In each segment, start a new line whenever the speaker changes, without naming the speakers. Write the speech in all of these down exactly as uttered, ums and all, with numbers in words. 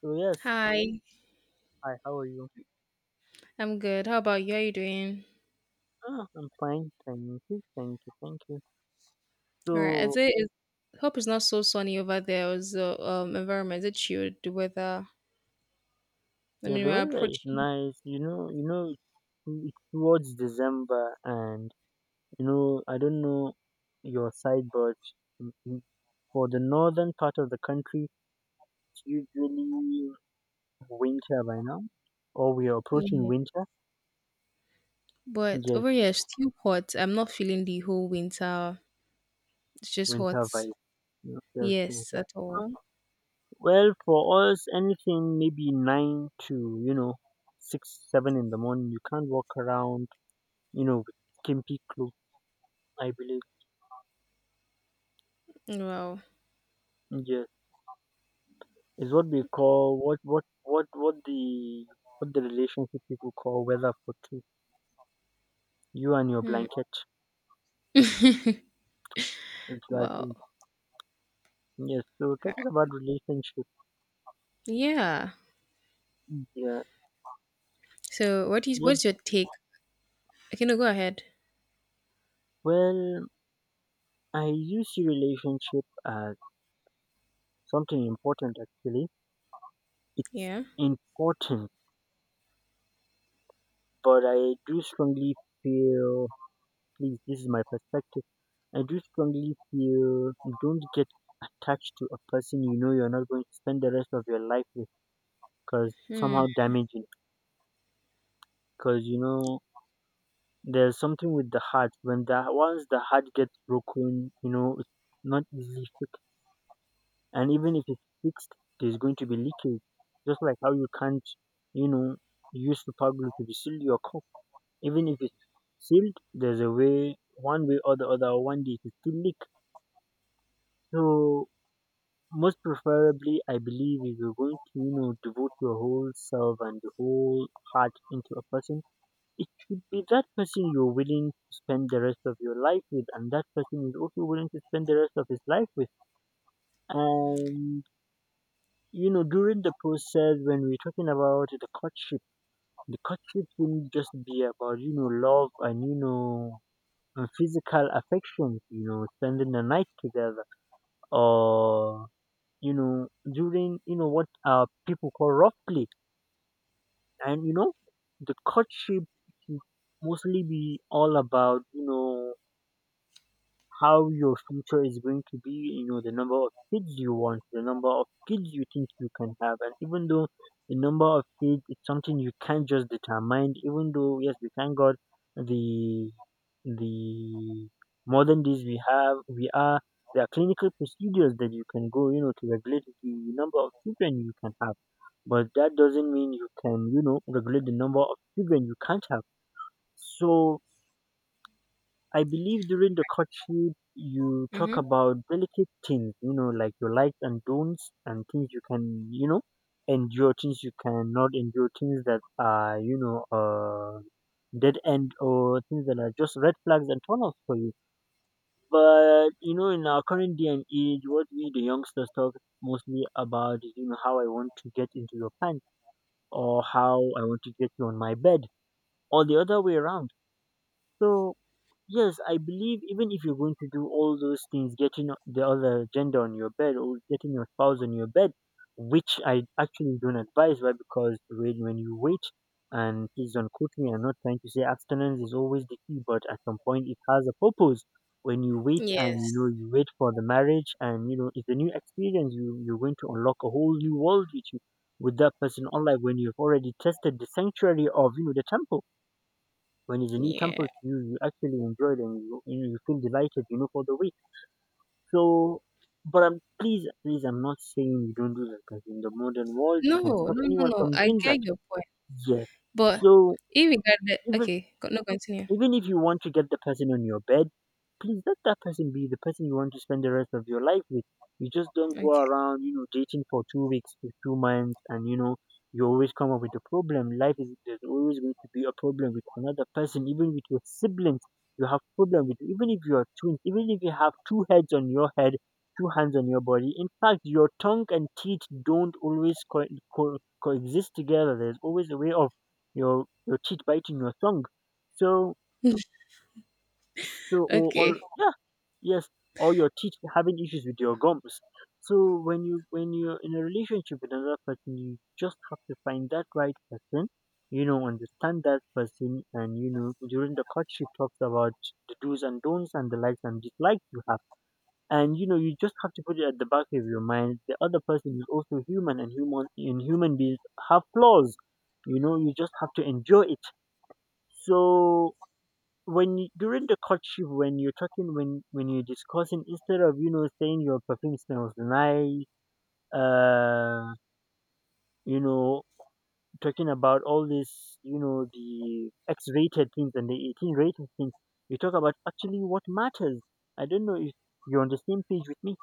So yes,
Hi,
hi, how are you?
I'm good. How about you? How are you doing?
Ah, I'm fine, thank you, thank you, thank you.
All right. Is
So
it is hope it's not so sunny over there. Or the um environment, is it chilled, the weather? I
yeah,
mean
the
we're
weather is
approaching,
nice. You know, you know, it's it's towards December, and you know, I don't know your side, but m- m- for the northern part of the country, it's usually winter by now, or we are approaching
yeah.
winter.
But
Yes,
over here it's still hot. I'm not feeling the whole winter. It's just hot.
winter by Yes, yes, yes.
Yes, at all.
Um, Well, for us, anything maybe nine to you know six, seven in the morning, you can't walk around, you know, with skimpy clothes. I believe,
Wow.
yeah, is what we call what what what what the what the relationship people call weather for two. You and your
Hmm.
blanket, exactly.
Wow.
Yes. So talking about relationship,
Yeah.
yeah.
So what is
What?
what's your take? Okay, no, go ahead.
Well, I use relationship as something important. Actually, it's
Yeah.
important. But I do strongly feel, at least this is my perspective, I do strongly feel don't get attached to a person you know you're not going to spend the rest of your life with because
Hmm.
somehow damaging. Because, you know, there's something with the heart. When the once the heart gets broken, you know, it's not easily fixed. And even if it's fixed, there's going to be leakage. Just like how you can't, you know, use super glue to seal your cup even if it's sealed, there's a way, one way or the other, one day to still leak. So most preferably, I believe if you're going to, you know, devote your whole self and the whole heart into a person, it should be that person you're willing to spend the rest of your life with, and that person is also willing to spend the rest of his life with. And you know, during the process when we're talking about the courtship, the courtship shouldn't just be about you know love and you know uh, physical affections, you know, spending the night together, or you know, during you know what uh people call rough play, and you know, the courtship should mostly be all about you know how your future is going to be, you know, the number of kids you want, the number of kids you think you can have. And even though the number of kids is something you can't just determine, even though yes, we thank God the the modern days we have we are there are clinical procedures that you can go, you know, to regulate the number of children you can have. But that doesn't mean you can, you know, regulate the number of children you can't have. So I believe during the courtship you talk
Mm-hmm.
about delicate things, you know, like your likes and don'ts and things you can, you know, endure, things you cannot endure, things that are, you know, uh, dead end or things that are just red flags and turn offs for you. But you know, in our current day and age, what we the youngsters talk mostly about is, you know, how I want to get into your pants or how I want to get you on my bed or the other way around. So yes, I believe even if you're going to do all those things, getting o- the other gender on your bed or getting your spouse on your bed, which I actually don't advise, why? Because when, when you wait, and please don't quote me, I'm not trying to say abstinence is always the key, but at some point it has a purpose. When you wait and you
Yes.
know you wait for the marriage and you know it's a new experience, you you're going to unlock a whole new world with you with that person, unlike when you've already tested the sanctuary of you know the temple when it's a new
Yeah.
temple to you, you actually enjoy it and you, you you feel delighted, you know, for the week. So, but I'm, please, please, I'm not saying you don't do that because in the modern world, you
No,
can
no,
stop
no,
anyone
no.
from
I
doing that.
get your point.
Yes.
But
So,
irregardless,
even
okay, co- no, continue.
even if you want to get the person on your bed, please let that person be the person you want to spend the rest of your life with. You just don't go
Okay,
around, you know, dating for two weeks to two months and, you know, you always come up with a problem. Life is there's always going to be a problem with another person, even with your siblings. You have problem with even if you are twins, even if you have two heads on your head, two hands on your body. In fact, your tongue and teeth don't always co- co- coexist together. There's always a way of your your teeth biting your tongue. So so, or,
okay.
or yeah, yes, or your teeth having issues with your gums. So when you when you're in a relationship with another person, you just have to find that right person, you know, understand that person, and you know, during the courtship talks about the do's and don'ts and the likes and dislikes you have, and you know, you just have to put it at the back of your mind. The other person is also human, and human and human beings have flaws. You know, you just have to enjoy it. So when you, during the courtship when you're talking when when you're discussing instead of you know saying your perfume smells nice uh you know talking about all this you know the x-rated things and the eighteen rated things you talk about actually what matters. I don't know if you're on the same page with me.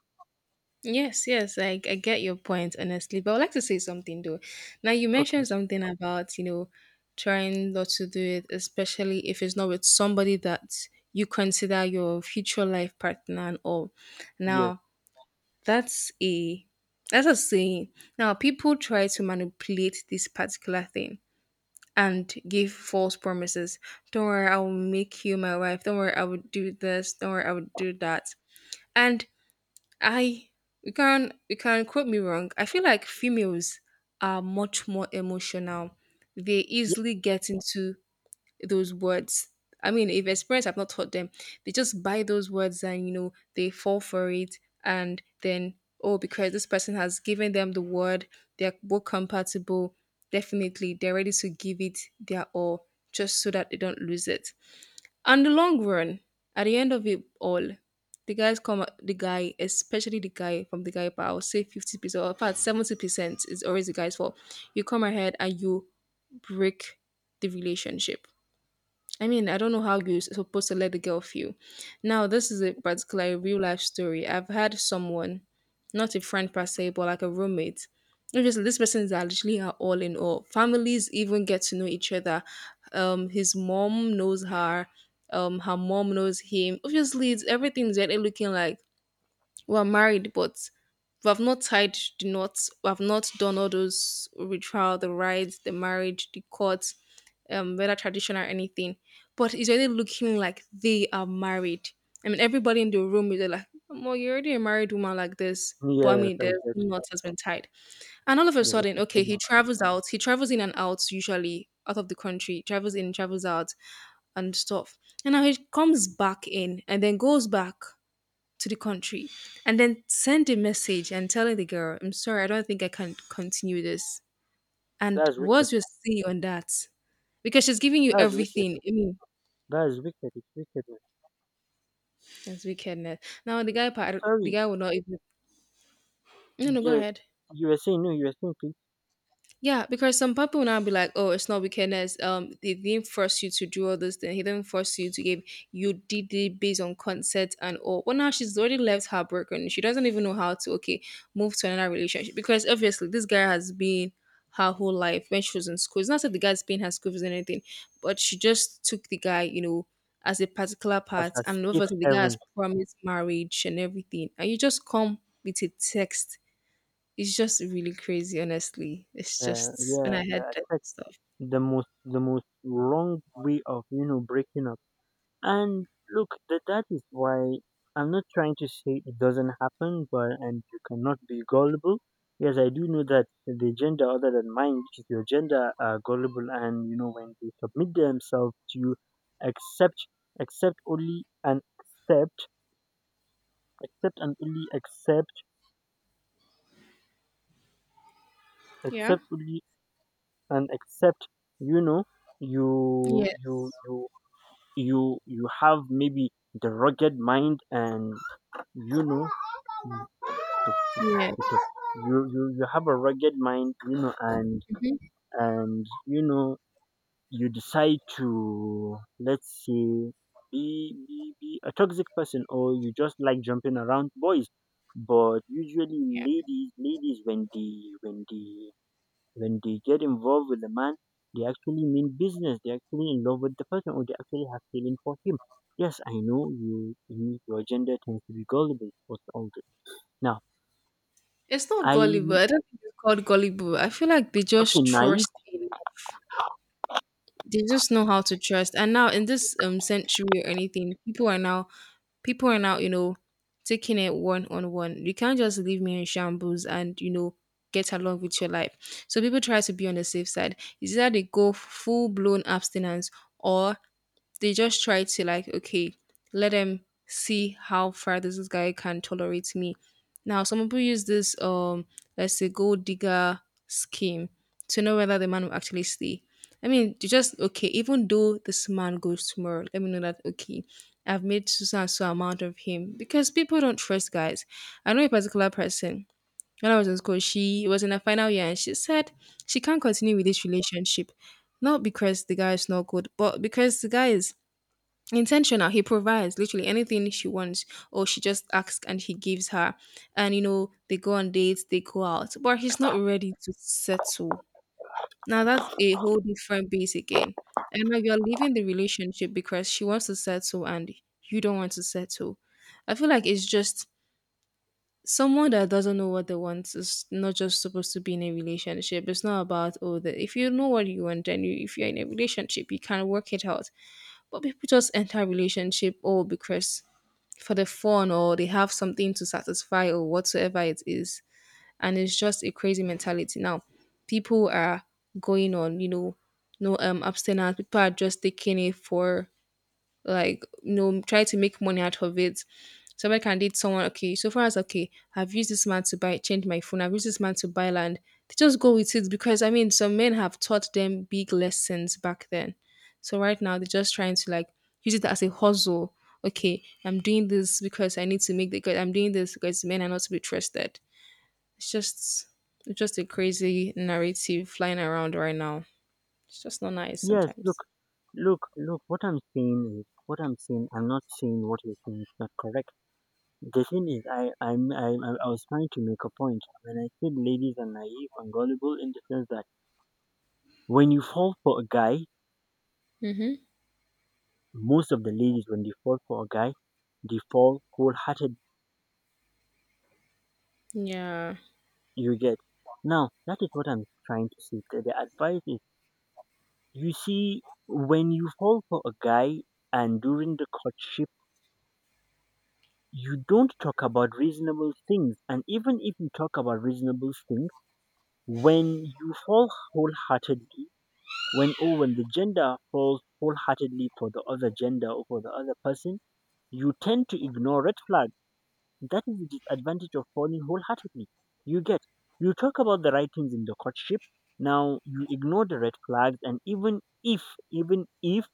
Yes, yes, I, I get your point, honestly. But I would like to say something though. Now, you
Okay.
mentioned something about, you know, trying not to do it, especially if it's not with somebody that you consider your future life partner and all.
Yes,
Now, that's a that's a saying. Now, people try to manipulate this particular thing and give false promises. Don't worry, I will make you my wife. Don't worry, I would do this. Don't worry, I would do that. And I, you can you can quote me wrong. I feel like females are much more emotional. They
yes,
easily get into those words. I mean, if as parents have not taught them, they just buy those words and you know they fall for it, and then oh, because this person has given them the word, they're both compatible. Definitely, they're ready to give it their all just so that they don't lose it. And the long run, at the end of it all, the guys come. The guy, especially the guy from the guy bar, I'll say fifty percent, or in fact seventy percent, is always the guy's fault. You come ahead and you break the relationship. I mean, I don't know how you're supposed to let the girl feel. Now, this is a particular real life story. I've had someone, not a friend per se, but like a roommate. Obviously, these persons are literally are all in all. Families even get to know each other. Um, his mom knows her. Um, her mom knows him. Obviously, it's everything's really looking like we're married, but we have not tied the knots. We have not done all those ritual, the rites, the marriage, the courts, um, whether traditional or anything. But it's already looking like they are married. I mean, everybody in the room is like, "Well, you're already a married woman like this." But I
yes,
mean,
I
there's
get.
no knot has been tied, and all of a
Yes,
sudden, okay,
officially.
he travels out. He travels in and out usually out of the country. Travels in, travels out, and stuff. And now he comes back in, and then goes back to the country and then send a message and telling the girl, I'm sorry, I don't think I can continue this. And
That's wicked.
what's your say on that? Because she's giving you
That's wicked,
everything. I mean,
that's wicked, it's wicked.
that's wickedness. Now the guy part, the
Sorry.
guy will not even. No, no, go
Yes,
ahead.
you were saying. No, you were saying, please.
Yeah, because some people will now be like, "Oh, it's not wickedness. Um, they didn't force you to do all those things. He didn't force you to give. You did it based on consent and all." Well, now she's already left her broken. She doesn't even know how to okay move to another relationship because obviously this guy has been her whole life when she was in school. It's not that the guy's paying her school fees or anything, but she just took the guy, you know, as a particular
As
part,
a
and
safe
obviously the guy has
haven.
promised marriage and everything, and you just come with a text, it's just really crazy, honestly. It's
Yeah,
just when
yeah,
I heard
yeah.
that
That's
stuff.
the most the most wrong way of you know breaking up. And look, that that is why I'm not trying to say it doesn't happen, but and you cannot be gullible. Yes, I do know that the gender other than mine, which is your gender, are gullible, and you know when they submit themselves to you, accept, accept only and accept, accept and only accept,
Yeah.
accept only and accept. You know, you
Yes.
you you you you have maybe the rugged mind and you know
Yes.
you, you you have a rugged mind you know and
Mhm.
and you know you decide to let's say be, be be a toxic person or you just like jumping around boys but usually ladies ladies when they when they when they get involved with the man, they actually mean business. They're actually in love with the person or they actually have feeling for him. Yes, I know you, you your gender tends to be gullible for all this. Now,
It's not gullible.
I'm
I don't think it's called gullible. I feel like they
okay,
just
naive.
trust in they just know how to trust. And now in this um century or anything, people are now people are now, you know, taking it one on one. You can't just leave me in shambles and, you know, get along with your life. So people try to be on the safe side. It's either they go full blown abstinence or they just try to like, okay, let them see how far this guy can tolerate me. Now some people use this um let's say gold digger scheme to know whether the man will actually stay. I mean, you just, okay, even though this man goes tomorrow, let me know that okay, I've made so and so amount of him, because people don't trust guys. I know a particular person, when I was in school she was in her final year, and she said she can't continue with this relationship, not because the guy is not good, but because the guy is intentional. He provides literally anything she wants, or she just asks and he gives her, and you know they go on dates, they go out, but he's not ready to settle. Now that's a whole different base again. And now you're leaving the relationship because she wants to settle and you don't want to settle. I feel like it's just, someone that doesn't know what they want is not just supposed to be in a relationship. It's not about, oh, that if you know what you want then you, if you're in a relationship you can work it out, but people just enter a relationship all because for the fun, or they have something to satisfy or whatsoever it is. And it's just a crazy mentality. Now, people are going on, you know, no um abstinence. People are just taking it for like, you know, try to make money out of it. Somebody can date someone, okay, so far as okay, I've used this man to buy change my phone, I've used this man to buy land. They just go with it because I mean some men have taught them big lessons back then. So right now they're just trying to like use it as a hustle. Okay, I'm doing this because I need to make the, because I'm doing this because men are not to be trusted. It's just it's just a crazy narrative flying around right now. It's just not nice
Yes, look,
sometimes.
look, look, what I'm saying is what I'm saying, I'm not saying what you're saying is not correct. The thing is, I, I'm, I, I I was trying to make a point when I said ladies are naive and gullible in the sense that when you fall for a guy,
Mm-hmm.
most of the ladies, when they fall for a guy, they fall wholehearted.
Yeah.
You get now. That is what I'm trying to say. The the advice is: you see, when you fall for a guy and during the courtship, you don't talk about reasonable things. And even if you talk about reasonable things, when you fall wholeheartedly, when or when the gender falls wholeheartedly for the other gender or for the other person, you tend to ignore red flags. That is the disadvantage of falling wholeheartedly. You get, you talk about the right things in the courtship. Now you ignore the red flags, and even if, even if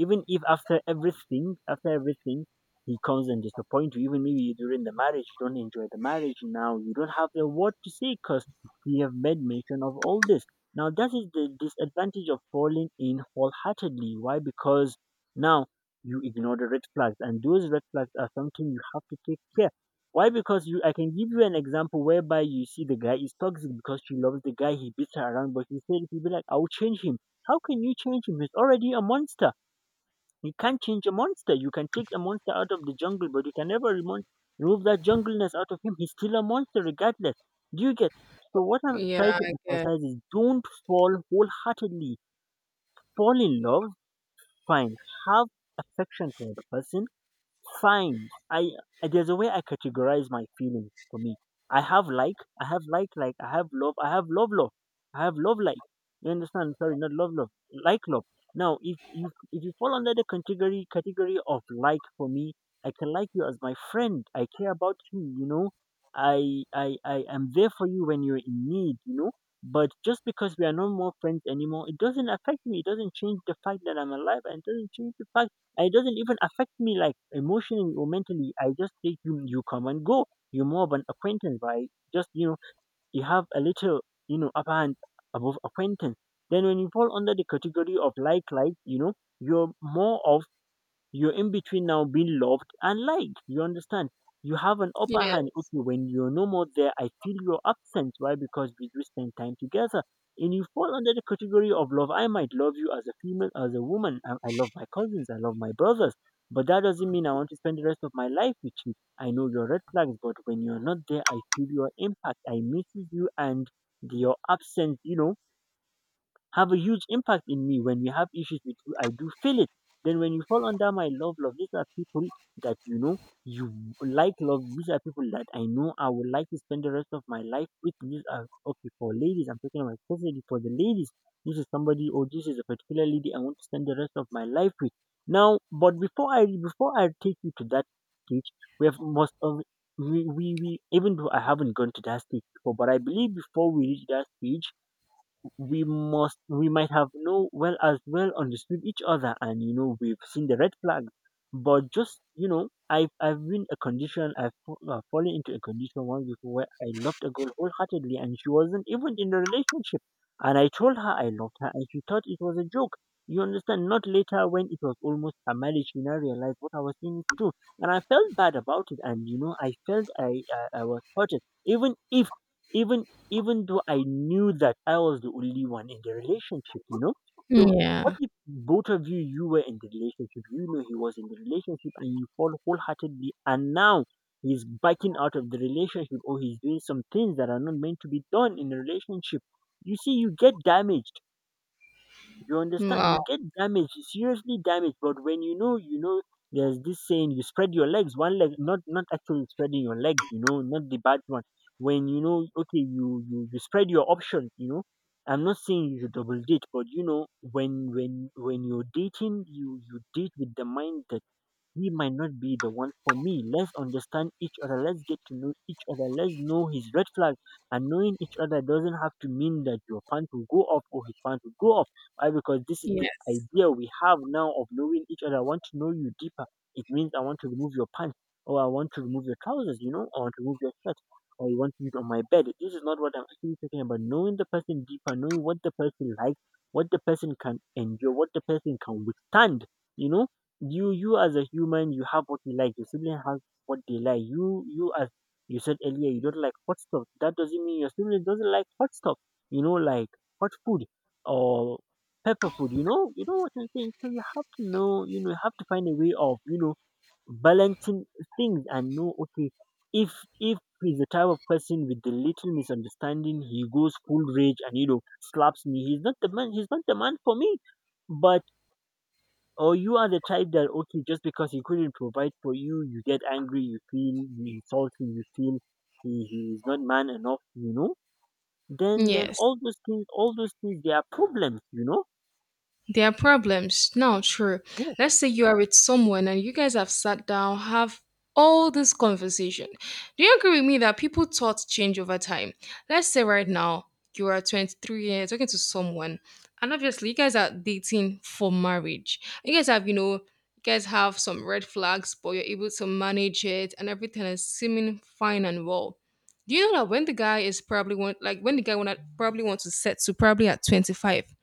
even if after everything, after everything, he comes and disappoints you, even maybe during the marriage, you don't enjoy the marriage now, you don't have the word to say because you have made mention of all this. Now, that is the disadvantage of falling in wholeheartedly. Why? Because now you ignore the red flags, and those red flags are something you have to take care. Why? Because you, I can give you an example whereby you see the guy is toxic because she loves the guy, he beats her around, but instead he'll be like, I'll change him. How can you change him? He's already a monster. You can't change a monster. You can take a monster out of the jungle, but you can never remon- remove that jungleness out of him. He's still a monster regardless. Do you get? So what I'm
Yeah,
trying to
I guess.
emphasize is don't fall wholeheartedly. Fall in love, fine. Have affection for the person, fine. I I- there's a way I categorize my feelings for me. I have like, I have like, like, I have love, I have love, love, I have love, like. You understand? Sorry, not love, love, like, love. Now, if you if you fall under the category category of like for me, I can like you as my friend. I care about you. You know, I I I am there for you when you're in need. You know, but just because we are no more friends anymore, it doesn't affect me. It doesn't change the fact that I'm alive, and it doesn't change the fact it doesn't even affect me like emotionally or mentally. I just say you you come and go. You're more of an acquaintance, right? Just you know you have a little you know upper hand above acquaintance. Then when you fall under the category of like like, you know, you're more of you're in between now being loved and liked. You understand? You have an upper hand.
Yes.
Okay, when you're no more there, I feel your absence. Why? Because we do spend time together. And you fall under the category of love. I might love you as a female, as a woman. I, I love my cousins. I love my brothers. But that doesn't mean I want to spend the rest of my life with you. I know your red flags, but when you're not there, I feel your impact. I miss you and your absence, you know, have a huge impact in me. When we have issues with you, I do feel it. Then when you fall under my love, love, these are people that you know you like love. These are people that I know I would like to spend the rest of my life with. These are okay for ladies. I'm talking about especially for the ladies. This is somebody or this is a particular lady I want to spend the rest of my life with. Now, but before I before I take you to that stage, we have most of we, we, we even though I haven't gone to that stage before, but I believe before we reach that stage we must we might have no well as well understood each other, and you know we've seen the red flags, but just you know i've i've been a condition i've, fa- uh fallen into a condition once before where I loved a girl wholeheartedly, and she wasn't even in the relationship. And I told her I loved her, and she thought it was a joke. You understand, not later when it was almost her marriage she now realized what I was saying is true. And I felt bad about it, and you know I felt i i, I was hurted. Even if even even though I knew that I was the only one in the relationship, you know? So what
Yeah.
if both of you you were in the relationship, you know he was in the relationship and you fall wholeheartedly, and now he's backing out of the relationship or he's doing some things that are not meant to be done in a relationship. You see, you get damaged. You understand?
Wow.
You get damaged, seriously damaged. But when you know, you know, there's this saying: you spread your legs, one leg, not not actually spreading your legs. You know, not the bad one. When you know, okay, you you, you spread your options. You know, I'm not saying you should double date, but you know, when when when you're dating, you you date with the mind that he might not be the one for me. Let's understand each other. Let's get to know each other. Let's know his red flag. And knowing each other doesn't have to mean that your pants will go off or his pants will go off. Why? Because this is the
Yes.
idea we have now of knowing each other. I want to know you deeper. It means I want to remove your pants or I want to remove your trousers, you know, I want to remove your shirt or you want to do it on my bed. This is not what I'm actually talking about. Knowing the person deeper, knowing what the person likes, what the person can endure, what the person can withstand, you know you you as a human you have what you like your sibling has what they like you you as you said earlier you don't like hot stuff, that doesn't mean your sibling doesn't like hot stuff. You know, like hot food or pepper food, you know, you know what I'm saying. So you have to know, you know, you have to find a way of you know balancing things and know okay, if if he's the type of person with the little misunderstanding he goes full rage and you know slaps me, he's not the man he's not the man for me. But or you are the type that okay, just because he couldn't provide for you, you get angry, you feel you insult him, you feel he, he is not man enough, you know? Then then
Yes.
all those things all those things they are problems, you know?
There are problems. Now, sure.
Yeah,
Let's say you are with someone and you guys have sat down, have all this conversation. Do you agree with me that people thoughts change over time? Let's say right now you are twenty-three years talking to someone, and obviously you guys are dating for marriage. You guys have, you know, you guys have some red flags, but you're able to manage it and everything is seeming fine and well. Do you know that when the guy is probably want like when the guy wanna probably wants to settle probably at twenty-five,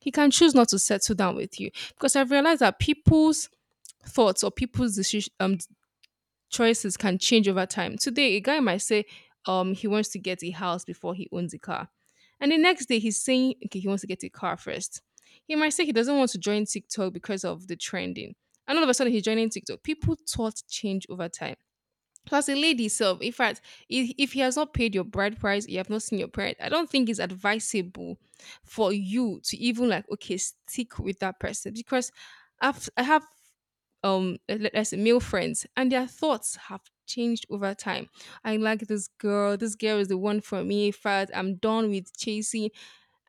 he can choose not to settle down with you, because I've realized that people's thoughts or people's decision, um, choices can change over time. Today, a guy might say um, he wants to get a house before he owns a car. And the next day, he's saying, okay, he wants to get a car first. He might say he doesn't want to join TikTok because of the trending. And all of a sudden, he's joining TikTok. People thoughts change over time. Plus, a lady self. In fact, if, if he has not paid your bride price, you have not seen your bride, I don't think it's advisable for you to even like okay stick with that person. Because I've I have um let- let's say male friends, and their thoughts have changed over time. I like this girl. This girl is the one for me. In fact, I'm done with chasing.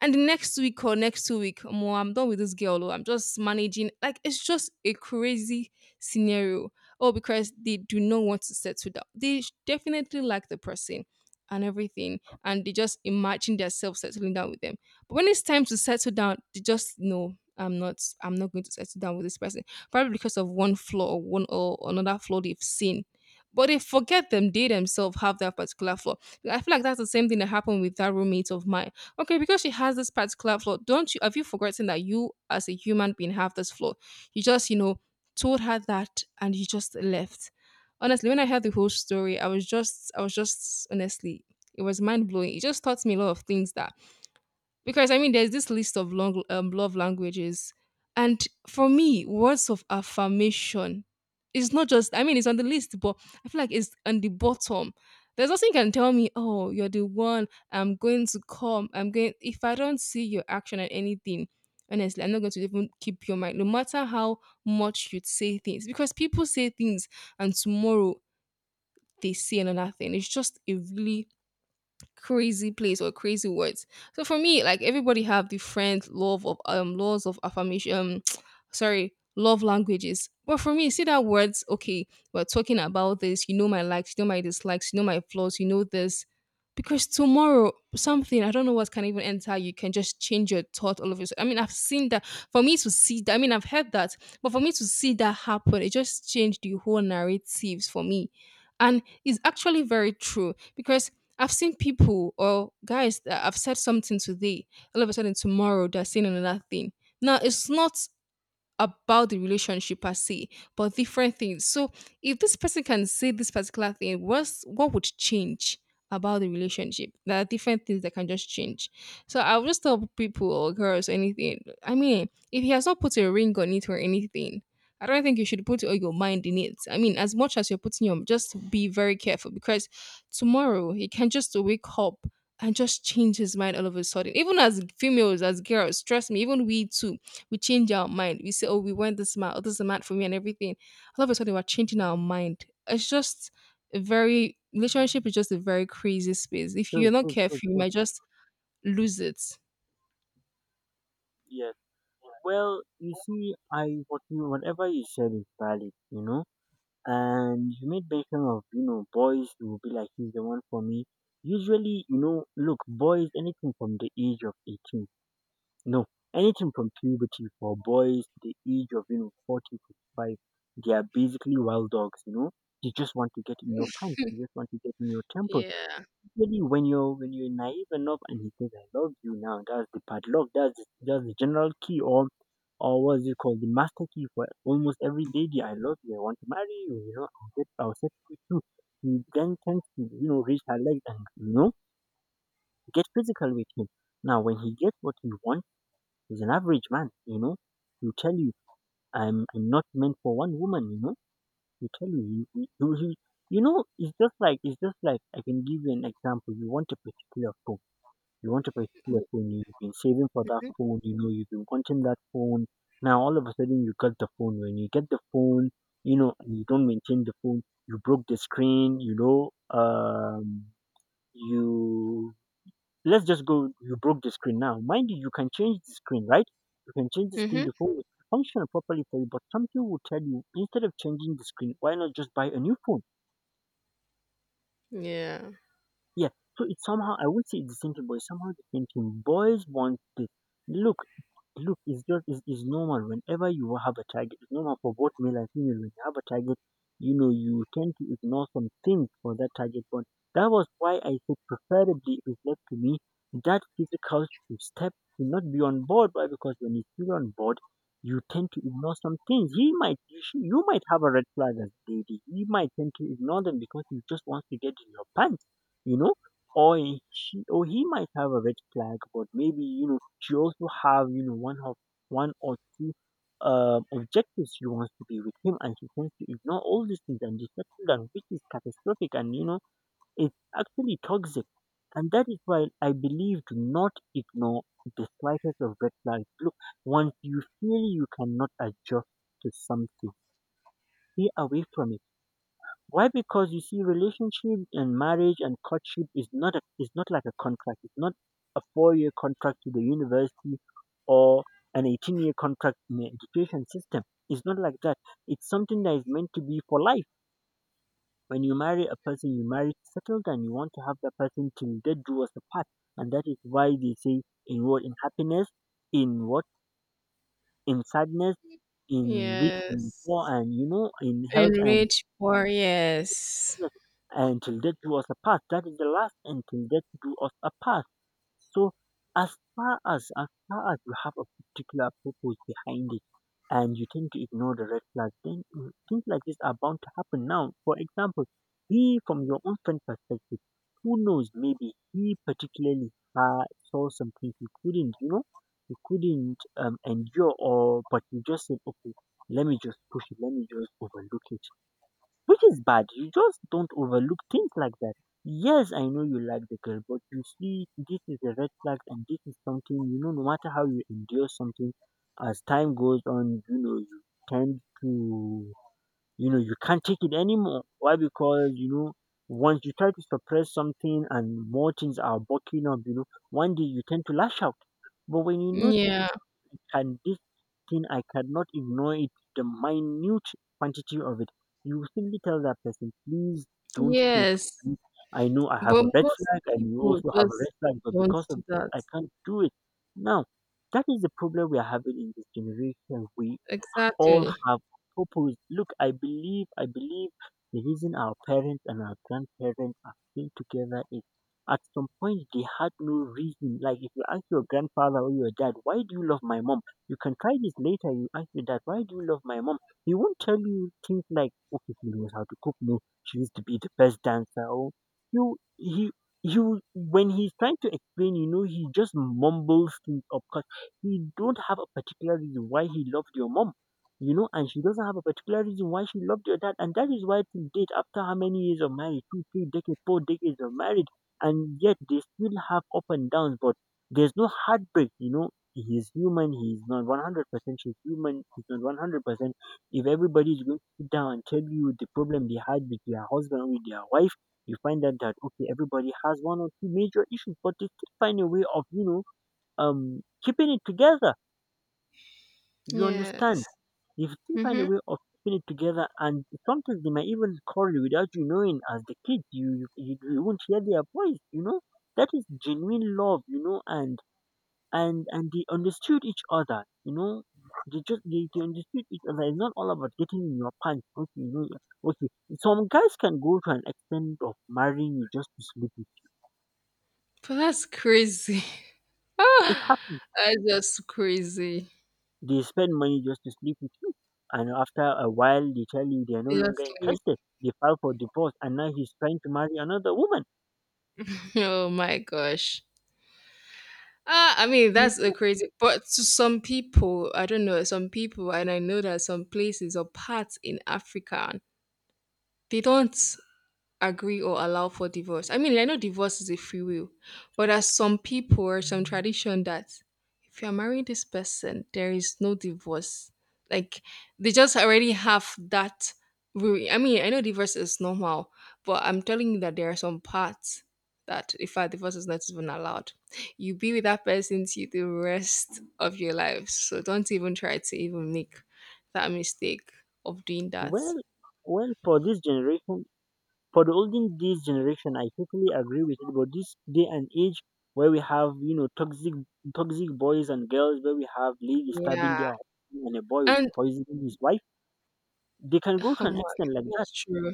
And next week or next two week, more I'm done with this girl. Or I'm just managing. Like it's just a crazy scenario. Oh, because they do not want to settle down. They sh- definitely like the person and everything, and they just imagine themselves settling down with them. But when it's time to settle down, they just know I'm not. I'm not going to settle down with this person. Probably because of one flaw or one or another flaw they've seen. But they forget them, they themselves have that particular flaw. I feel like that's the same thing that happened with that roommate of mine. Okay, because she has this particular flaw, don't you have you forgotten that you as a human being have this flaw? You just, you know, told her that and you just left. Honestly, when I heard the whole story, I was just I was just, honestly, it was mind blowing. It just taught me a lot of things, that because I mean, there's this list of long um, love languages, and for me, words of affirmation is not just. I mean, it's on the list, but I feel like it's on the bottom. There's nothing you can tell me. Oh, you're the one. I'm going to come. I'm going. If I don't see your action and anything, honestly, I'm not going to even keep your mind. No matter how much you say things, because people say things, and tomorrow they say another thing. It's just a really crazy place or crazy words. So for me, like everybody have different love of um laws of affirmation. Um, sorry, love languages. But for me, see that words. Okay, we're talking about this. You know my likes. You know my dislikes. You know my flaws. You know this. Because tomorrow, something I don't know what can even enter you can just change your thought all of a sudden. I mean, I've seen that. For me to see that, I mean, I've heard that, but for me to see that happen, it just changed the whole narratives for me, and it's actually very true because I've seen people or guys that I've said something today, all of a sudden tomorrow they're saying another thing. Now it's not about the relationship per se, but different things. So if this person can say this particular thing, what's what would change about the relationship? There are different things that can just change. So I would just tell people or girls anything. I mean, if he has not put a ring on it or anything, I don't think you should put all your mind in it. I mean, as much as you're putting your just be very careful because tomorrow he can just wake up and just change his mind all of a sudden. Even as females, as girls, trust me, even we too we change our mind. We say, oh, we want this man, oh, this is the man for me, and everything. All of a sudden, we're changing our mind. It's just a very relationship is just a very crazy space. If you're
true,
not
true, true,
careful, you
true.
might just lose it.
Yes. Well, you see, I what you whatever you said is valid, you know. And you made mention of you know boys who will be like he's the one for me. Usually, you know, look, boys anything from the age of eighteen. No, anything from puberty for boys to the age of you know forty, fifty-five, they are basically wild dogs. You know, they just want to get in your pants. They just want to get in your temple. Really, when you're when you're naive enough, and he says, "I love you now," that's the padlock. That's the- that's the general key, or or what is it called, the master key for almost every lady. I love you. I want to marry you. You know, I'll get I'll set you too. He then tends to you know reach her legs and you know get physical with him. Now, when he gets what he wants, he's an average man, you know. He'll tell you, I'm, I'm not meant for one woman, you know. He'll tell you, he, he, he, you know, it's just like, it's just like, I can give you an example. You want a particular phone. You want a particular phone. You've been saving for that phone, you know, you've been wanting that phone. Now, all of a sudden, you got the phone. When you get the phone, you know, and you don't maintain the phone, you broke the screen, you know, um, you Let's just go. You broke the screen now. Mind you, you can change the screen, right? You can change the screen.
Mm-hmm.
The phone will function properly for you, but something will tell you instead of changing the screen, why not just buy a new phone?
Yeah.
Yeah. So it's somehow I would say it's the same thing, but it's somehow the same thing. Boys want this. Look, look, it's just it's, it's normal. Whenever you have a target, it's normal for both male and female. When you have a target, you know you tend to ignore some things for that target. But that was why I said preferably if it's left to me, that physical should step should not be on board. Why? Because when it's still on board, you tend to ignore some things. He might you, should, you might have a red flag as a lady. He might tend to ignore them because you just wants to get in your pants, you know, or he- she or he might have a red flag, but maybe you know she also have you know one of one or two um, objectives she wants to be with him and she tends to ignore all these things and just settle down, which is catastrophic, and you know it's actually toxic. And that is why I believe do not ignore the slightest of red flags. Look, once you feel you cannot adjust to something, stay away from it. Why? Because you see, relationship and marriage and courtship is not a, is not like a contract. It's not a four year contract to the university or an eighteen year contract in the education system. It's not like that. It's something that is meant to be for life. When you marry a person, you marry to settle down. You want to have that person till death do us apart, and that is why they say in what in happiness, in what in sadness, in rich and poor,
Yes.
and you know in health and—
Enrich poor. Yes.
Yes, until death do us apart. That is the last until death do us apart. So as far as as far as you have a particular purpose behind it and you tend to ignore the red flags, then mm, things like this are bound to happen. Now, for example, he from your own friend perspective, who knows, maybe he particularly uh, saw something he couldn't, you know, he couldn't um, endure. Or but he just said, okay, let me just push it, let me just overlook it, which is bad. You just don't overlook things like that. Yes, I know you like the girl, but you see, this is a red flag, and this is something, you know. No matter how you endure something, as time goes on, you know you tend to, you know, you can't take it anymore. Why? Because you know once you try to suppress something and more things are bucking up, you know one day you tend to lash out. But when you know this is
Yeah.
and this thing, I cannot ignore it. The minute quantity of it, you simply tell that person, please don't take
Yes.
it. I know I have
But
a red
most
flag and you
people
also have a
just
red flag, but
don't
because of
do
this
that.
I can't do it. Now that is the problem we are having in this generation. We all
Exactly.
have purpose. Look, I believe, I believe the reason our parents and our grandparents are still together is at some point they had no reason. Like if you ask your grandfather or your dad, why do you love my mom? You can try this later. You ask your dad, why do you love my mom? He won't tell you things like, okay, she knows how to cook. No, she used to be the best dancer. Or you, he, you, when he's trying to explain, you know, he just mumbles things up because he don't have a particular reason why he loved your mom, you know, and she doesn't have a particular reason why she loved your dad. And that is why till date, after how many years of marriage, two, three decades, four decades of marriage, and yet they still have up and downs, but there's no heartbreak, you know. He's human, he's not one hundred percent, she's human, he's not one hundred percent. If everybody is going to sit down and tell you the problem they had with their husband or with their wife, you find out that, okay, everybody has one or two major issues, but they still find a way of, you know, um, keeping it together. You
Yes.
understand? They still find
Mm-hmm.
a way of keeping it together, and sometimes they might even quarrel without you knowing. As the kids, you you, you you won't hear their voice. You know that is genuine love. You know, and and and they understood each other. You know, they just they, they understood each other. It's not all about getting in your pants. Okay, you know, okay. Some guys can go to an extent of marrying you just to sleep with
But that's crazy.
you. It
Ah,
happens.
that's just crazy.
They spend money just to sleep with you, and after a while, they tell you they are no
They
longer
just leave.
interested. They file for divorce, and now he's trying to marry another woman.
Oh my gosh. Ah, I mean that's
Mm.
a crazy. But to some people, I don't know, some people, and I know that some places or parts in Africa, they don't agree or allow for divorce. I mean, like, I know divorce is a free will, but there's some people or some tradition that if you're marrying this person, there is no divorce. Like they just already have that rule. I mean, I know divorce is normal, but I'm telling you that there are some parts that if a divorce is not even allowed, you be with that person to the rest of your life. So don't even try to even make that mistake of doing that.
Well, well, for this generation, for the olden days generation, I totally agree with it. But this day and age, where we have, you know, toxic, toxic boys and girls, where we have ladies stabbing
Yeah.
their husband and a boy
And
poisoning his wife, they can go to
oh
an
my,
extent like that.
that's true.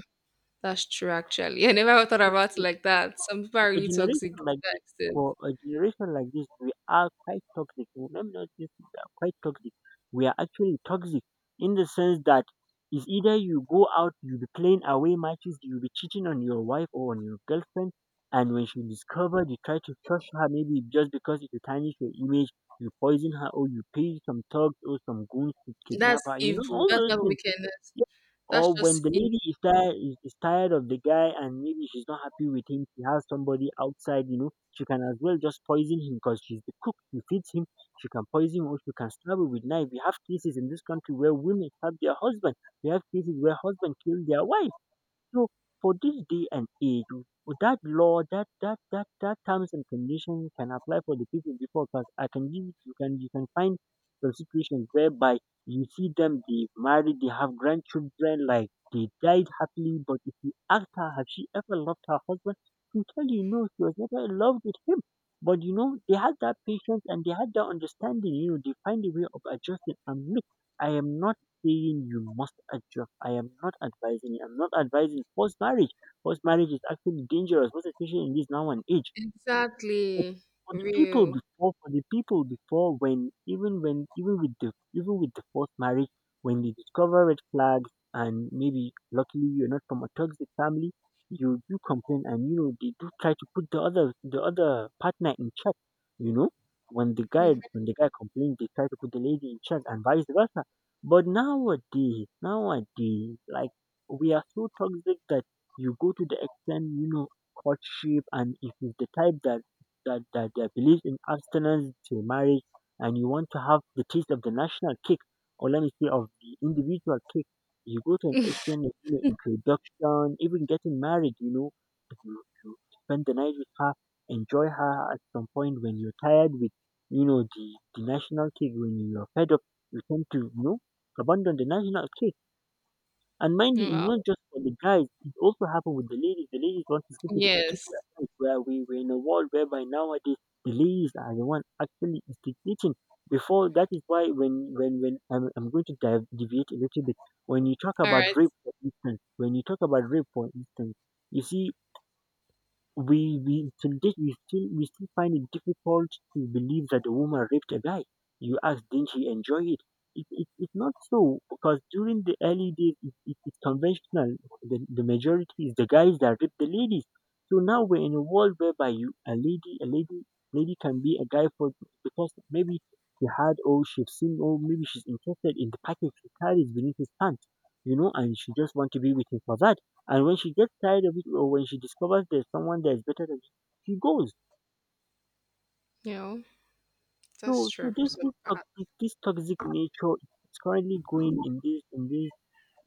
That's true, actually. I never thought about it like that. Some people
For
are
a
really toxic
generation
to
like
that
this
extent.
for a generation like this, we are quite toxic. Let me not say we are quite toxic. We are actually toxic, in the sense that it's either you go out, you be playing away matches, you be cheating on your wife or on your girlfriend, and when she discovered, you try to crush her maybe just because it will tarnish your image, you poison her, or you pay some thugs or some goons to
That's
kidnap her. You know,
evil.
all
That's
those
not
things.
wickedness.
Yeah.
That's
Or when
just
the
evil.
lady is tired, is is tired of the guy and maybe she's not happy with him, she has somebody outside, you know, she can as well just poison him because she's the cook. She feeds him, she can poison him or she can stab him with knife. We have cases in this country where women stab their husband. We have cases where husband kill their wife. So for this day and age, with that law, that that that that terms and conditions can apply for the people before. Because I can give it, you can you can find some situations whereby you see them they married, they have grandchildren, like they died happily. But if you ask her, have she ever loved her husband? She'll tell you no, she was never in love with him. But you know, they had that patience and they had that understanding. You know, they find a way of adjusting. And look, I am not saying you must adjust. I am not advising you. I'm not advising forced marriage. Forced marriage is actually dangerous, most especially in this now and age. But
Exactly.
for the people
Real.
before, for the people before, when even when even with the even with the forced marriage, when they discover red flags, and maybe luckily you're not from a toxic family, you do complain, and you know they do try to put the other the other partner in check. You know, when the guy
Mhm.
when the guy complains, they try to put the lady in check, and vice versa. But nowadays, nowadays, like we are so toxic that you go to the extent, you know, courtship, and if it's the type that that, that uh, believes in abstinence till marriage and you want to have the taste of the national cake, or let me say of the individual cake, you go to an extent of, you know, introduction, even getting married, you know, you, you spend the night with her, enjoy her. At some point when you're tired with, you know, the, the national cake, when you're fed up, you tend to, you know, abandon the national cake. And mind you, it's
Wow.
not just for the guys, it also happened with the ladies. The ladies want to sleep with a
Yes.
particular guy. Where we were in a world whereby nowadays the ladies are the one actually instigating. Before that is why when when when I'm, I'm going to dive, deviate a little bit. When you talk
All
about
right.
rape, for instance, when you talk about rape, for instance, you see we we till date we still we still find it difficult to believe that a woman raped a guy. You ask, didn't she enjoy it? It, it? It's not so. Because during the early days, it, it, it's conventional. The, the majority is the guys that rape the ladies. So now we're in a world whereby you a lady a lady lady can be a guy for, because maybe she had or she's seen or maybe she's interested in the package he carries beneath his pants, you know, and she just want to be with him for that. And when she gets tired of it or when she discovers there's someone that is better than she she goes.
You know, that's
So so
true for
this
some
this
part.
toxic this toxic nature is currently going in this in this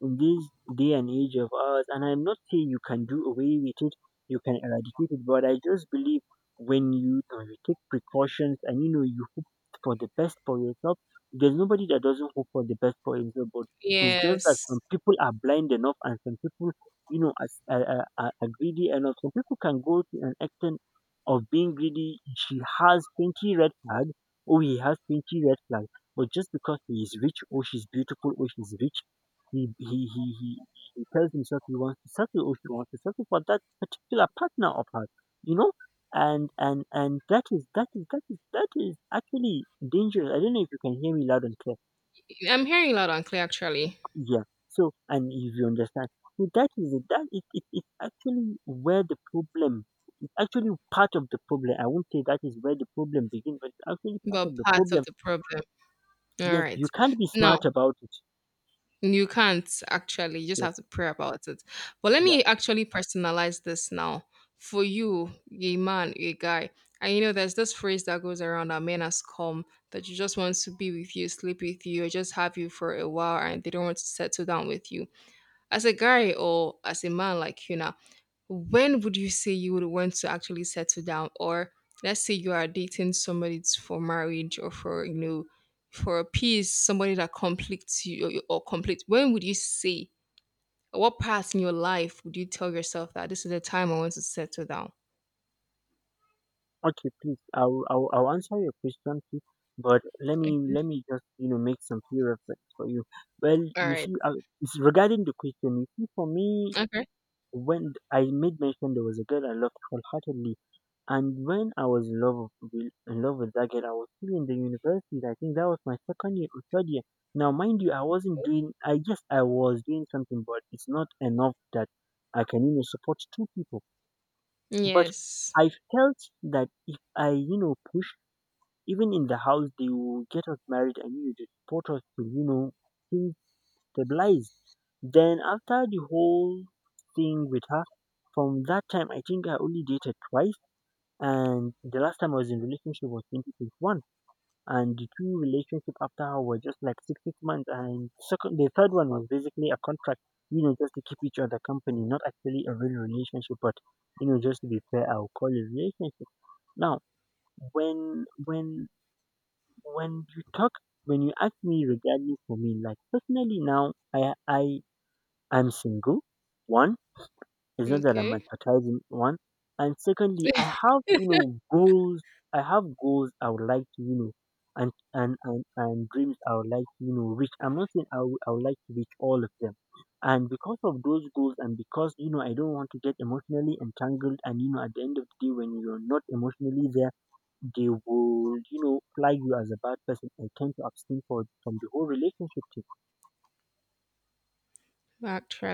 in this day and age of ours, and I'm not saying you can do away with it, you can eradicate it, but I just believe when you, you know, you take precautions and you know you hope for the best for yourself, there's nobody that doesn't hope for the best for himself. But it's just that
Yes.
some people are blind enough, and some people, you know, as- are, are, are are greedy enough. Some people can go to an extent of being greedy. She has twenty red flags, or he has twenty red flags. But just because he is rich, or she's beautiful, or she's rich, he he he he he tells himself he wants to settle or she wants to settle for that particular partner of hers, you know? And and and that is that is that is that is actually dangerous. I don't know if you can hear me loud and clear.
I'm hearing loud and clear, actually,
Yeah. So and if you understand. So that is it. That it, it, it's actually where the problem, it's actually part of the problem. I won't say that is where the problem begins, but it's actually part
but
of the
part of
problem.
the problem. All
Yes, you
right.
can't be
Now,
smart about it.
you can't actually. You just
Yes,
have to pray about it. But let
yeah.
me actually personalize this now for you, a man, a guy. And you know, there's this phrase that goes around that men has come that you just want to be with you, sleep with you, or just have you for a while, and they don't want to settle down with you. As a guy or as a man like you now, when would you say you would want to actually settle down? Or let's say you are dating somebody it's for marriage or for, you know, for a peace, somebody that completes you or, or complete. When would you say, what part in your life would you tell yourself that this is the time I want to settle down?
Okay, please. I'll, I'll I'll answer your question, please. But let me
Okay.
let me just, you know, make some few reference for you. Well,
All
you
right.
see, uh, it's regarding the question. You see, for me,
Okay.
when I made mention there was a girl I loved wholeheartedly, and when I was in love with in love with that girl, I was still in the university. I think that was my second year or third year. Now, mind you, I wasn't doing. I guess I was doing something, but it's not enough that I can, you know, support two people. But
Yes.
I felt that if I, you know, push even in the house, they will get us married and you they support us to, you know, things stabilize. Then after the whole thing with her, from that time I think I only dated twice, and the last time I was in relationship was twenty twenty one, and the two relationship after her were just like six six months, and second the third one was basically a contract, you know, just to keep each other company, not actually a real relationship, but you know, just to be fair, I'll call it relationship. Now, when when when you talk when you ask me regarding for me like personally now, i i I'm single. One, it's not that I'm
Okay.
advertising. One, and secondly, I have, you know, goals. I have goals I would like to, you know, and and and, and dreams I would like to, you know, reach. I'm not saying I would I would like to reach all of them, and because of those goals, and because, you know, I don't want to get emotionally entangled, and you know, at the end of the day when you're not emotionally there, they would, you know, flag you as a bad person, and tend to abstain for, from the whole relationship thing.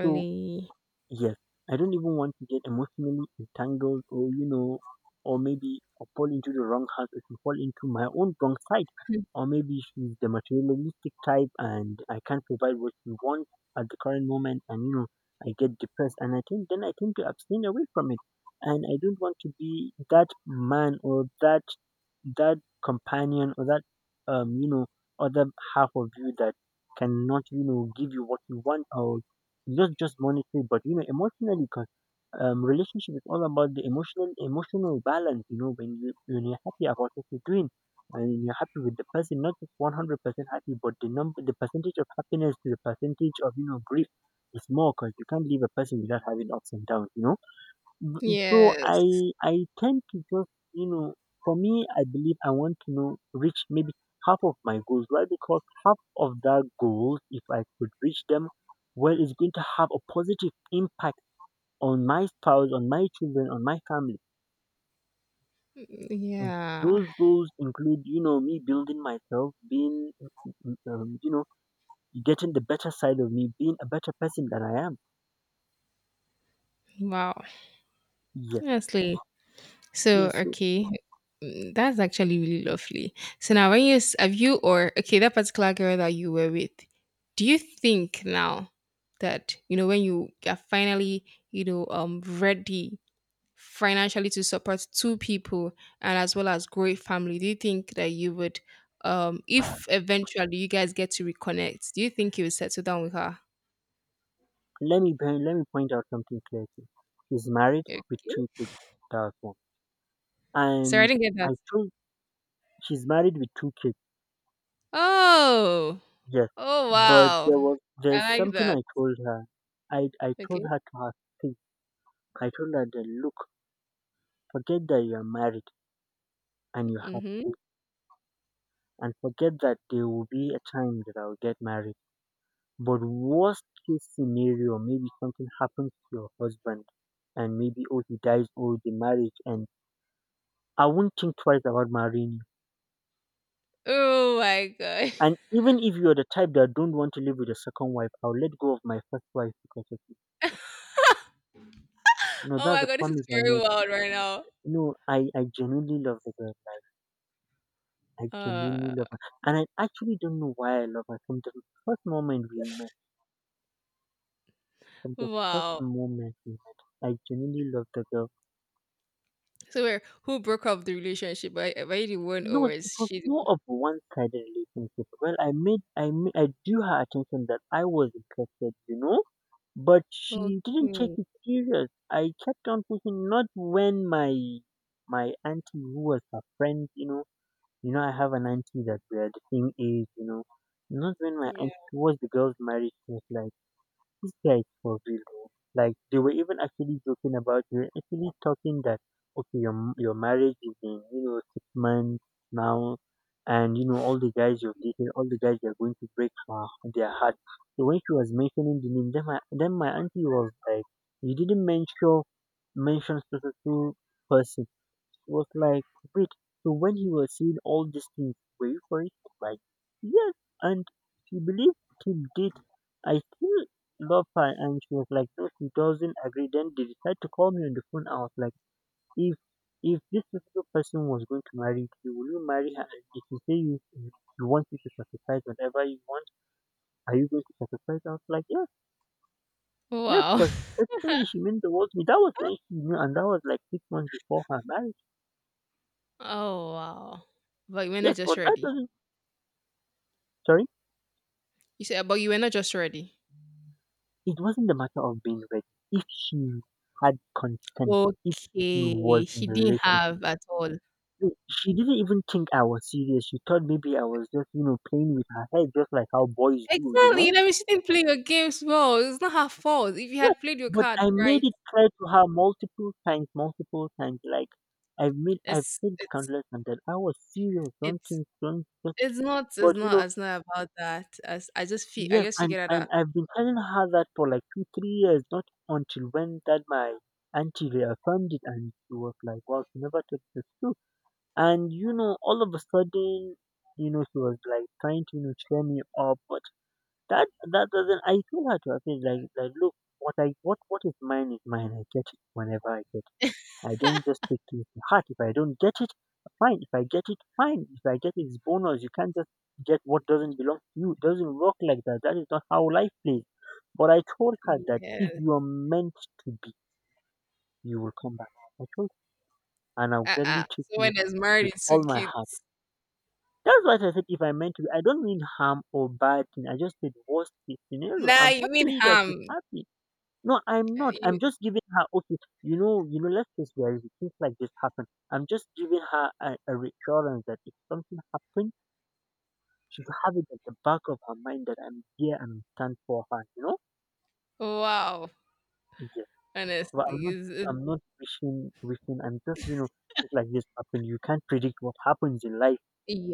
So, yes, I don't even want to get emotionally entangled, or, you know, or maybe, or fall into the wrong house, or she fall into my own wrong side. Or maybe she's the materialistic type and I can't provide what she wants at the current moment, and, you know, I get depressed and I think then I tend to abstain away from it. And I don't want to be that man, or that that companion, or that um, you know, other half of you that cannot, you know, give you what you want. Or not just monetary, but you know, emotionally, because um, relationship is all about the emotional emotional balance. You know, when you when you're happy about what you're doing, and you're happy with the person, not just one hundred percent happy, but the number, the percentage of happiness to the percentage of, you know, grief is more, because you can't leave a person without having ups and downs. You know. B- So
Yes.
I I tend to just, you know, for me, I believe I want to know reach maybe half of my goals. Why? Because half of that goals, if I could reach them, well, it's going to have a positive impact on my spouse, on my children, on my family. Mm.
Yeah.
Those goals include, you know, me building myself, being mm, mm, um, you know, getting the better side of me, being a better person than I am.
Wow.
Yeah.
Honestly, so,
Yes. So,
okay, mm, that's actually really lovely. So now, when you s- have you or okay that particular girl that you were with, do you think now that you know when you are finally you know um ready financially to support two people and as well as grow a family, do you think that you would um if eventually you guys get to reconnect, do you think you would settle down with her?
Let me point, let me point out something clearly. She's married
Okay.
with two kids. That's one.
Sorry, I
And
didn't get that.
I told, she's married with two kids.
Oh,
Yes,
oh
but
wow,
there was there's
I like
something
that.
I told her. I I told
Okay.
her to her face. I told her that, look, forget that you're married and you have
Mhm.
kids, and forget that there will be a time that I'll get married. But worst case scenario, maybe something happens to your husband, and maybe, oh, he dies, or the marriage, and I won't think twice about marrying.
Oh my god.
And even if you're the type that don't want to live with a second wife, I'll let go of my first wife because of you. You know,
Oh
that's
my
a
god, this is
promise I
very
made.
wild right now.
You know, I, I genuinely love the girl. Like, I
Uh,
genuinely love her. And I actually don't know why I love her. From the first moment we met, from the first
wow.
moment we met, I genuinely love the girl.
So where who broke up the relationship? Were were you the one or
No, it
was
was
she
more
the
of a one-sided relationship. Well, I made, I made, I drew her attention that I was interested, you know? But she didn't take
okay.
it serious. I kept on pushing, not when my my auntie who was her friend, you know, you know, I have an auntie that we are the same age, you know. Not when my auntie,
Yeah.
she was the girl's marriage, she was like, these guys for real, though. Like they were even actually joking about you, actually talking that, okay, your m- your marriage is in, you know, six months now, and you know all the guys you've dated, all the guys you're going to break her, their heart. So when she was mentioning the name, then my then my auntie was like, you didn't mention mention specific person, was like, wait, so when he was seeing all these things, were you for it? Like, yes. And she believed him, did. I still love her. And she was like, no, she doesn't agree. Then they decided to call me on the phone. I was like, if if this particular person was going to marry you, will you marry her? And if you say you, you want me to sacrifice whatever you want, are you going to sacrifice? I was like, yes, yes,
Wow.
because practically she meant the world to me. That was when she knew, and that was like six months before her marriage.
Oh wow. But you were not
Yes,
just
but that
ready.
doesn't, sorry.
You said but you were not just ready.
It wasn't a matter of being ready. If she had consent, if she
Okay.
was
She
in a
didn't
relationship,
have at all.
no, she didn't even think I was serious. She thought maybe I was just, you know, playing with her head, just like how boys do, you
Exactly.
know?
That means she didn't play your games well. It's not her fault. If you
Yeah.
had played your
But
card
I made
right,
it clear to her multiple times, multiple times. Like I've made, I've
it's
said
it's
countless times that I was serious. Don't
it's
think, don't. Just,
it's not it's
but you
not
know,
it's not about that. As I just feel I
yes.
just
and,
figured out
and
that
I've been telling her that for like two, three years, not until when that my auntie reaffirmed it and she was like, wow, she never took this too. And you know, all of a sudden, you know, she was like trying to, you know, cheer me up, but that that doesn't. I told her to her face like, like look, what I what what is mine is mine. I get it whenever I get. I don't just take things to heart. If I don't get it, fine. If I get it, fine. If I get it, it's bonus. You can't just get what doesn't belong to you. It doesn't work like that. That is not how life plays. But I told her that if
yeah,
you are meant to be, you will come back. I told her, and I'll
uh-uh.
gladly take you
Someone is married
with
to
all my
kids.
heart. That's what I said. If I meant to, be. I don't mean harm or bad thing. I just said worst case scenario.
Nah,
I'm
you mean
happy that
harm.
she's happy. No, I'm
Uh,
not. I'm
you
just giving her, okay. You know, you know. Let's face reality. Things like this happen. I'm just giving her a, a reassurance that if something happens, she'll have it at the back of her mind that I'm here and stand for her. You know.
wow.
Yes. But I'm
Honestly,
not.
is
I'm not wishing. Wishing. I'm just. You know. Things like this happen. You can't predict what happens in life.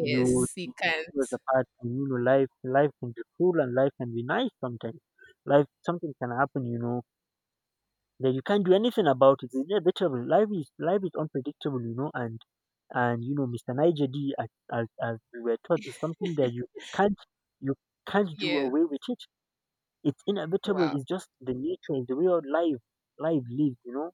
You
you can't.
was apart, and you know, life. Life can be cruel and life can be nice sometimes. Life. Something can happen. You know then you can't do anything about it. It's inevitable. Life is life is unpredictable, you know. And and you know, Mister Niger D, as, as as we were taught, is something that you can't, you can't do
Yes.
away with it. It's inevitable.
Wow.
It's just the nature, it's the way of life life lives, you know.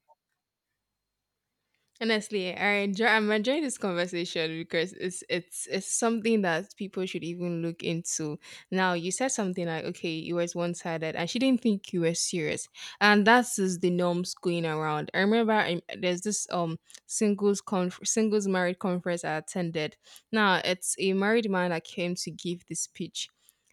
Honestly, I enjoy I'm enjoying this conversation because it's it's it's something that people should even look into. Now you said something like, okay, you was one sided and she didn't think you were serious. And that's just the norms going around. I remember um, there's this um singles conf- singles married conference I attended. Now it's a married man that came to give this speech.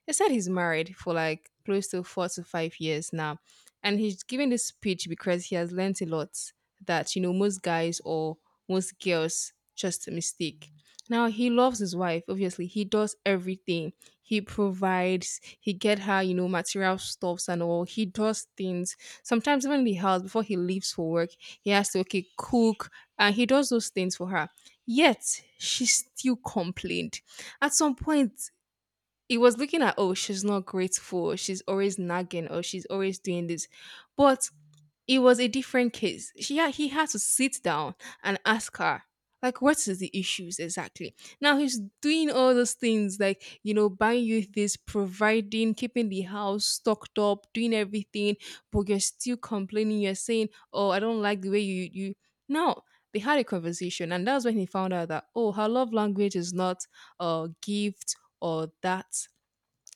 He said he's married for like close to four to five years now. And he's giving this speech because he has learned a lot that you know most guys or most girls just mistake. Now he loves his wife. Obviously, he does everything. He provides. He get her, you know, material stuffs and all. He does things. Sometimes even in the house before he leaves for work, he has to okay cook and he does those things for her. Yet she still complained. At some point, he was looking at oh she's not grateful. She's always nagging or she's always doing this. But it was a different case. She had, he had to sit down and ask her, like, what is the issues exactly? Now he's doing all those things, like, you know, buying you this, providing, keeping the house stocked up, doing everything, but you're still complaining. You're saying, oh, I don't like the way you, you. No, they had a conversation, and that's when he found out that, oh, her love language is not a gift or that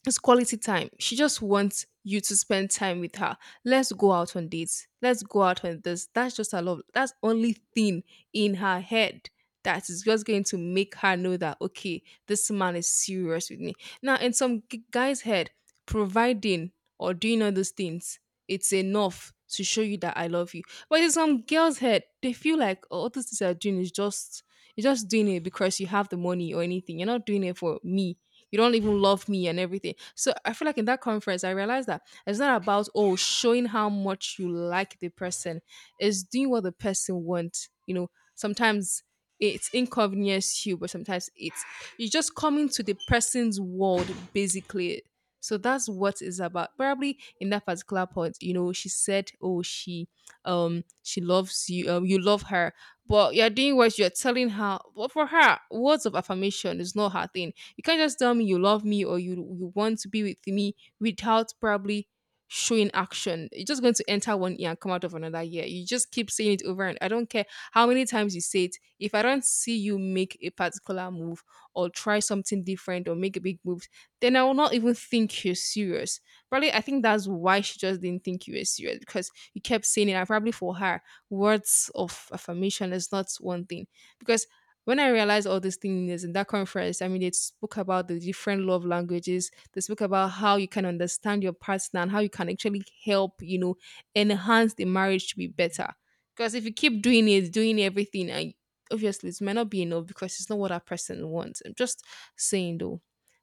it's quality time. She just wants you to spend time with her. Let's go out on dates. Let's go out on this. That's just her love. That's only thing in her head that is just going to make her know that okay, this man is serious with me. Now, in some g- guy's head, providing or doing all those things, it's enough to show you that I love you. But in some girl's head, they feel like oh, all these things you're doing is just you're just doing it because you have the money or anything. You're not doing it for me you don't even love me and everything. So I feel like in that conference, I realized that it's not about, oh, showing how much you like the person, it's doing what the person wants. You know, sometimes it's inconvenience you, but sometimes it's you're just coming to the person's world basically. So that's what it's about. Probably in that particular point, you know, she said, "Oh, she, um, she loves you. Um, you love her." But you're doing what you're telling her. But for her, words of affirmation is not her thing. You can't just tell me you love me or you you want to be with me without probably showing action. You're just going to enter one ear and come out of another ear. You just keep saying it over and I don't care how many times you say it. If I don't see you make a particular move or try something different or make a big move, then I will not even think you're serious. Probably I think that's why she just didn't think you were serious because you kept saying it. And probably for her, words of affirmation is not one thing. Because when I realized all these things in that conference, I mean, they spoke about the different love languages. They spoke about how you can understand your partner and how you can actually help, you know, enhance the marriage to be better. Because if you keep doing it, doing everything, and obviously it might not be enough because it's not what that person wants. I'm just saying though,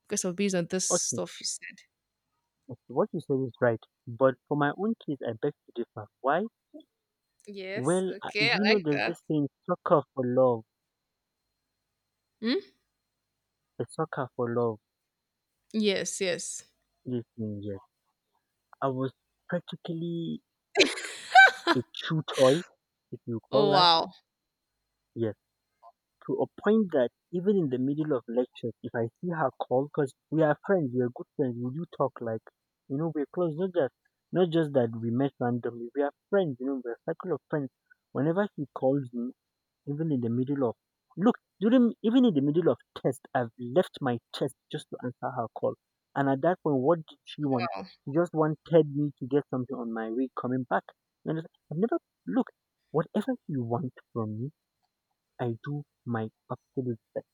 because of based on this
Okay,
stuff you said.
okay, what you said is right, but for my own case, I beg to differ. Why?
Yes.
Well, I- do
Okay. I
you know,
like
there's
that.
this thing, soccer for love,
Hmm?
the soccer for love.
Yes. Yes.
Yes, yes. I was practically a chew toy, if you call
Oh,
that.
wow.
Yes, to a point that even in the middle of lectures, if I see her call, because we are friends, we are good friends, we do talk, like, you know, we're close. Not just, not just that we met randomly. We are friends, you know, we're a circle of friends. Whenever she calls me, even in the middle of, look, during even in the middle of test, I've left my test just to answer her call. And at that point, what did she want?
Wow.
She just wanted me to get something on my way coming back. You understand? I've never, look, whatever you want from me, I do my absolute best.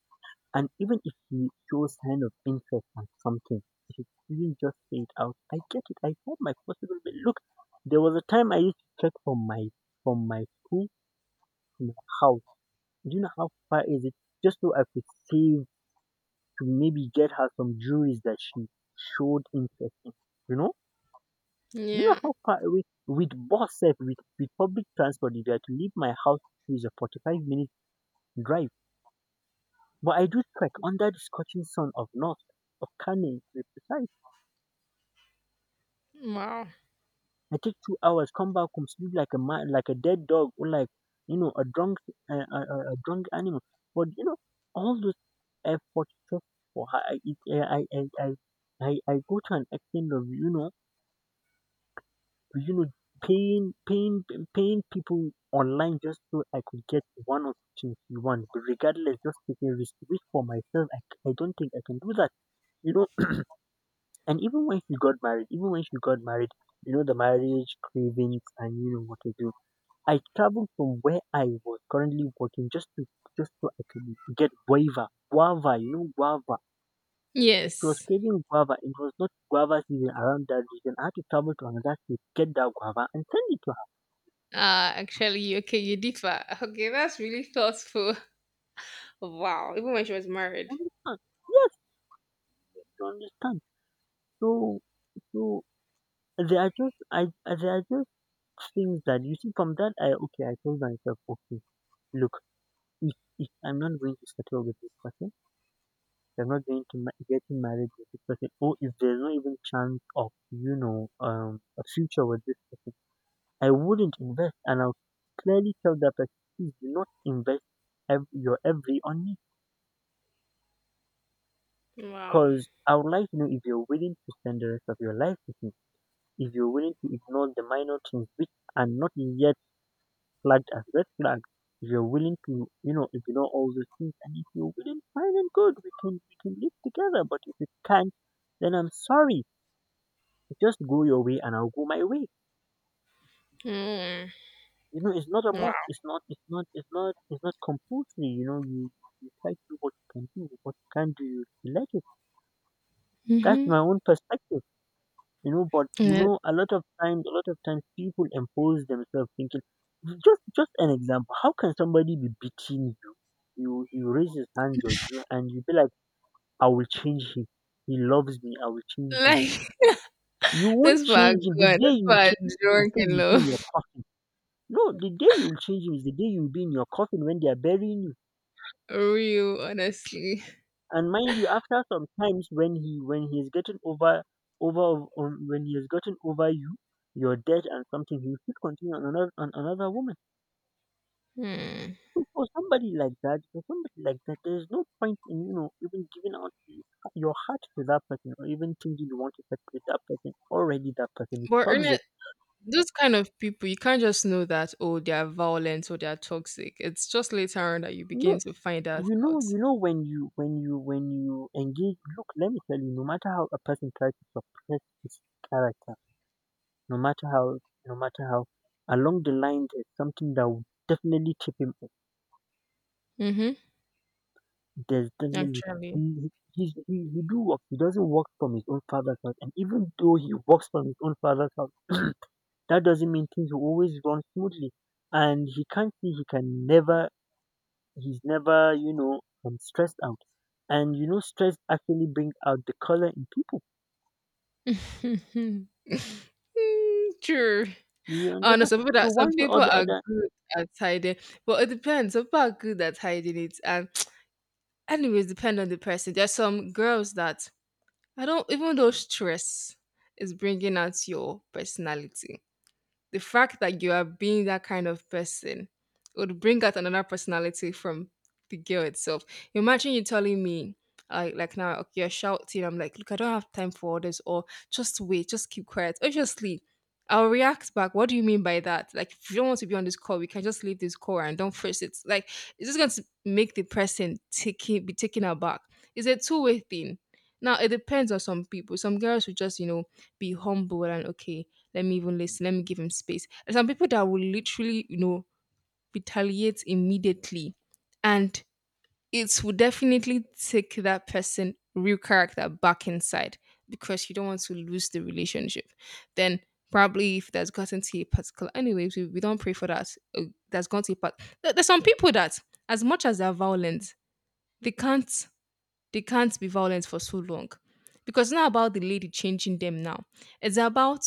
And even if he shows kind of interest on something, if he didn't just say it out, I get it. I tried my possible best. Look, there was a time I used to check from my from my school to my house. Do you know how far is it? Just so I could save to maybe get her some jewelries that she showed interest in. You know? You know
Yeah.
how far away with bus set with, with public transport, if I had to leave my house, it's a forty five minute drive. But I do trek under the scorching sun of north, of Kano to be precise.
Wow.
I take two hours, come back home, sleep like a man, like a dead dog, or like you know a drunk, uh, a, a, a drunk animal. But you know all those efforts just for her. I, it- I, I, I, I, I go to an extent of you know, you know, paying, paying, paying people online just so I could get one or two things you want. But regardless, just taking risk, risk for myself. I, c- I don't think I can do that. You know, And even when she got married, even when she got married, you know, the marriage cravings and you know what to do. I traveled from where I was currently working just to just so I could get guava. Guava, you know, guava. She was
Yes.
craving guava. It was not guava season around that region. I had to travel to another state, get that guava and send it to her.
Uh, actually, okay, you differ. Okay, that's really thoughtful. Wow, even when she was
You
married.
understand? Yes, you understand. So so they are just I they are just things that you see from that I okay, I told myself, okay, look, if if I'm not going to settle with this person. They're not going to ma- getting married with this person. Or if there's no even chance of you know um a future with this person, I wouldn't invest, and I'll clearly tell that person, please do not invest ev- your every on me.
Wow.
Because I would like to know if you're willing to spend the rest of your life with me, if you're willing to ignore the minor things which are not yet flagged as red flags, if you're willing to, you know, ignore all those things, and if you're willing, fine and good, we can we can live together. But if you can't, then I'm sorry. Just go your way and I'll go my way.
Mm,
You know, it's not a
wow.
must. It's not. It's not. It's not. It's not compulsory. You know, you you try to do what you can do. What you can do, you let it. That's
Mm-hmm.
my own perspective. You know, but you
Yeah.
know, a lot of times, a lot of times, people impose themselves thinking. Just, just an example. How can somebody be beating you? You, you raise his hands on you, and you be like, "I will change him. He loves me. I will change him."
Like,
You won't
that's far
change him the
good.
day
That's
you
far
change. The
drunk
day you be in your
love.
coffin No, the day you'll change him is the day you'll be in your coffin when they are burying you.
Real, honestly.
And mind you, after some times when he when he has gotten over over um, when he has gotten over you, your debt and something, he will still continue on another on another woman.
Hmm.
So for somebody like that, for somebody like that, there's no point in you know even giving out the- your heart to that person or even thinking you want to separate that person. Already that person is
But Ernest,
toxic.
those kind of people, you can't just know that, oh, they are violent or they are toxic. It's just later on that you begin
No,
to find that
You know,
out.
you know when you when you when you engage. Look, let me tell you. No matter how a person tries to suppress his character, no matter how, no matter how, along the line there's something that will definitely chip him up.
Mm-hmm.
There's definitely
Actually.
he he he's- he, he do work. He doesn't work from his own father's house, and even though he works from his own father's house, that doesn't mean things will always run smoothly. And he can't see he can never he's never, you know, um, stressed out. And you know, stress actually brings out the color in people.
Mm, true.
You
Oh, no,
understand?
some people
So
that some
one not
people
all the
are
other
good at hiding, but it depends. Some people are good at hiding it, and anyways, depend on the person. There's some girls that I don't, even though stress is bringing out your personality, the fact that you are being that kind of person would bring out another personality from the girl itself. Imagine you telling me, like, like now, okay, you're shouting. I'm like, look, I don't have time for all this, or just wait, just keep quiet. Obviously, I'll react back. What do you mean by that? Like, if you don't want to be on this call, we can just leave this call and don't force it. Like, it's just going to make the person take it, be taken aback. It's a two way thing. Now, it depends on some people. Some girls will just, you know, be humble and okay, let me even listen. Let me give him space. There's some people that will literally, you know, retaliate immediately. And it will definitely take that person real character back inside because you don't want to lose the relationship. Then probably if that's gotten to a particular anyways, we, we don't pray for that. uh, That's gone to a part. there- There's some people that as much as they're violent, they can't they can't be violent for so long because it's not about the lady changing them now. It's about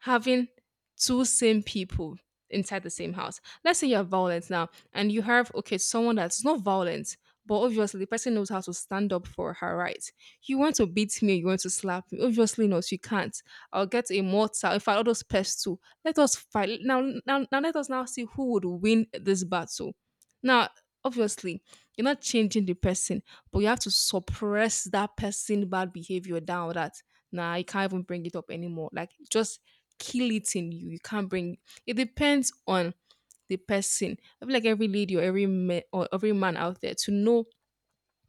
having two same people inside the same house. Let's say you're violent now and you have, okay, someone that's not violent, but obviously the person knows how to stand up for her rights. You want to beat me, you want to slap me. Obviously not, you can't. I'll get a mortar. In fact, all those pests too. Let us fight. Now, now, now let us now see who would win this battle. Now, obviously, you're not changing the person, but you have to suppress that person bad behavior down. That, nah, you can't even bring it up anymore, like just kill it in you. You can't bring It depends on the person. I feel like every lady or every man or every man out there to know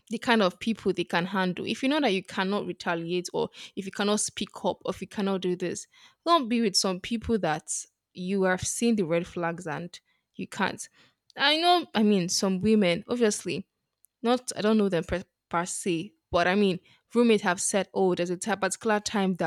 the kind of people they can handle. If you know that you cannot retaliate, or if you cannot speak up, or if you cannot do this, don't be with some people that you have seen the red flags and you can't. I know i mean some women, obviously not I don't know them per, per se, but I mean roommates have said, oh, there's a ti- particular time that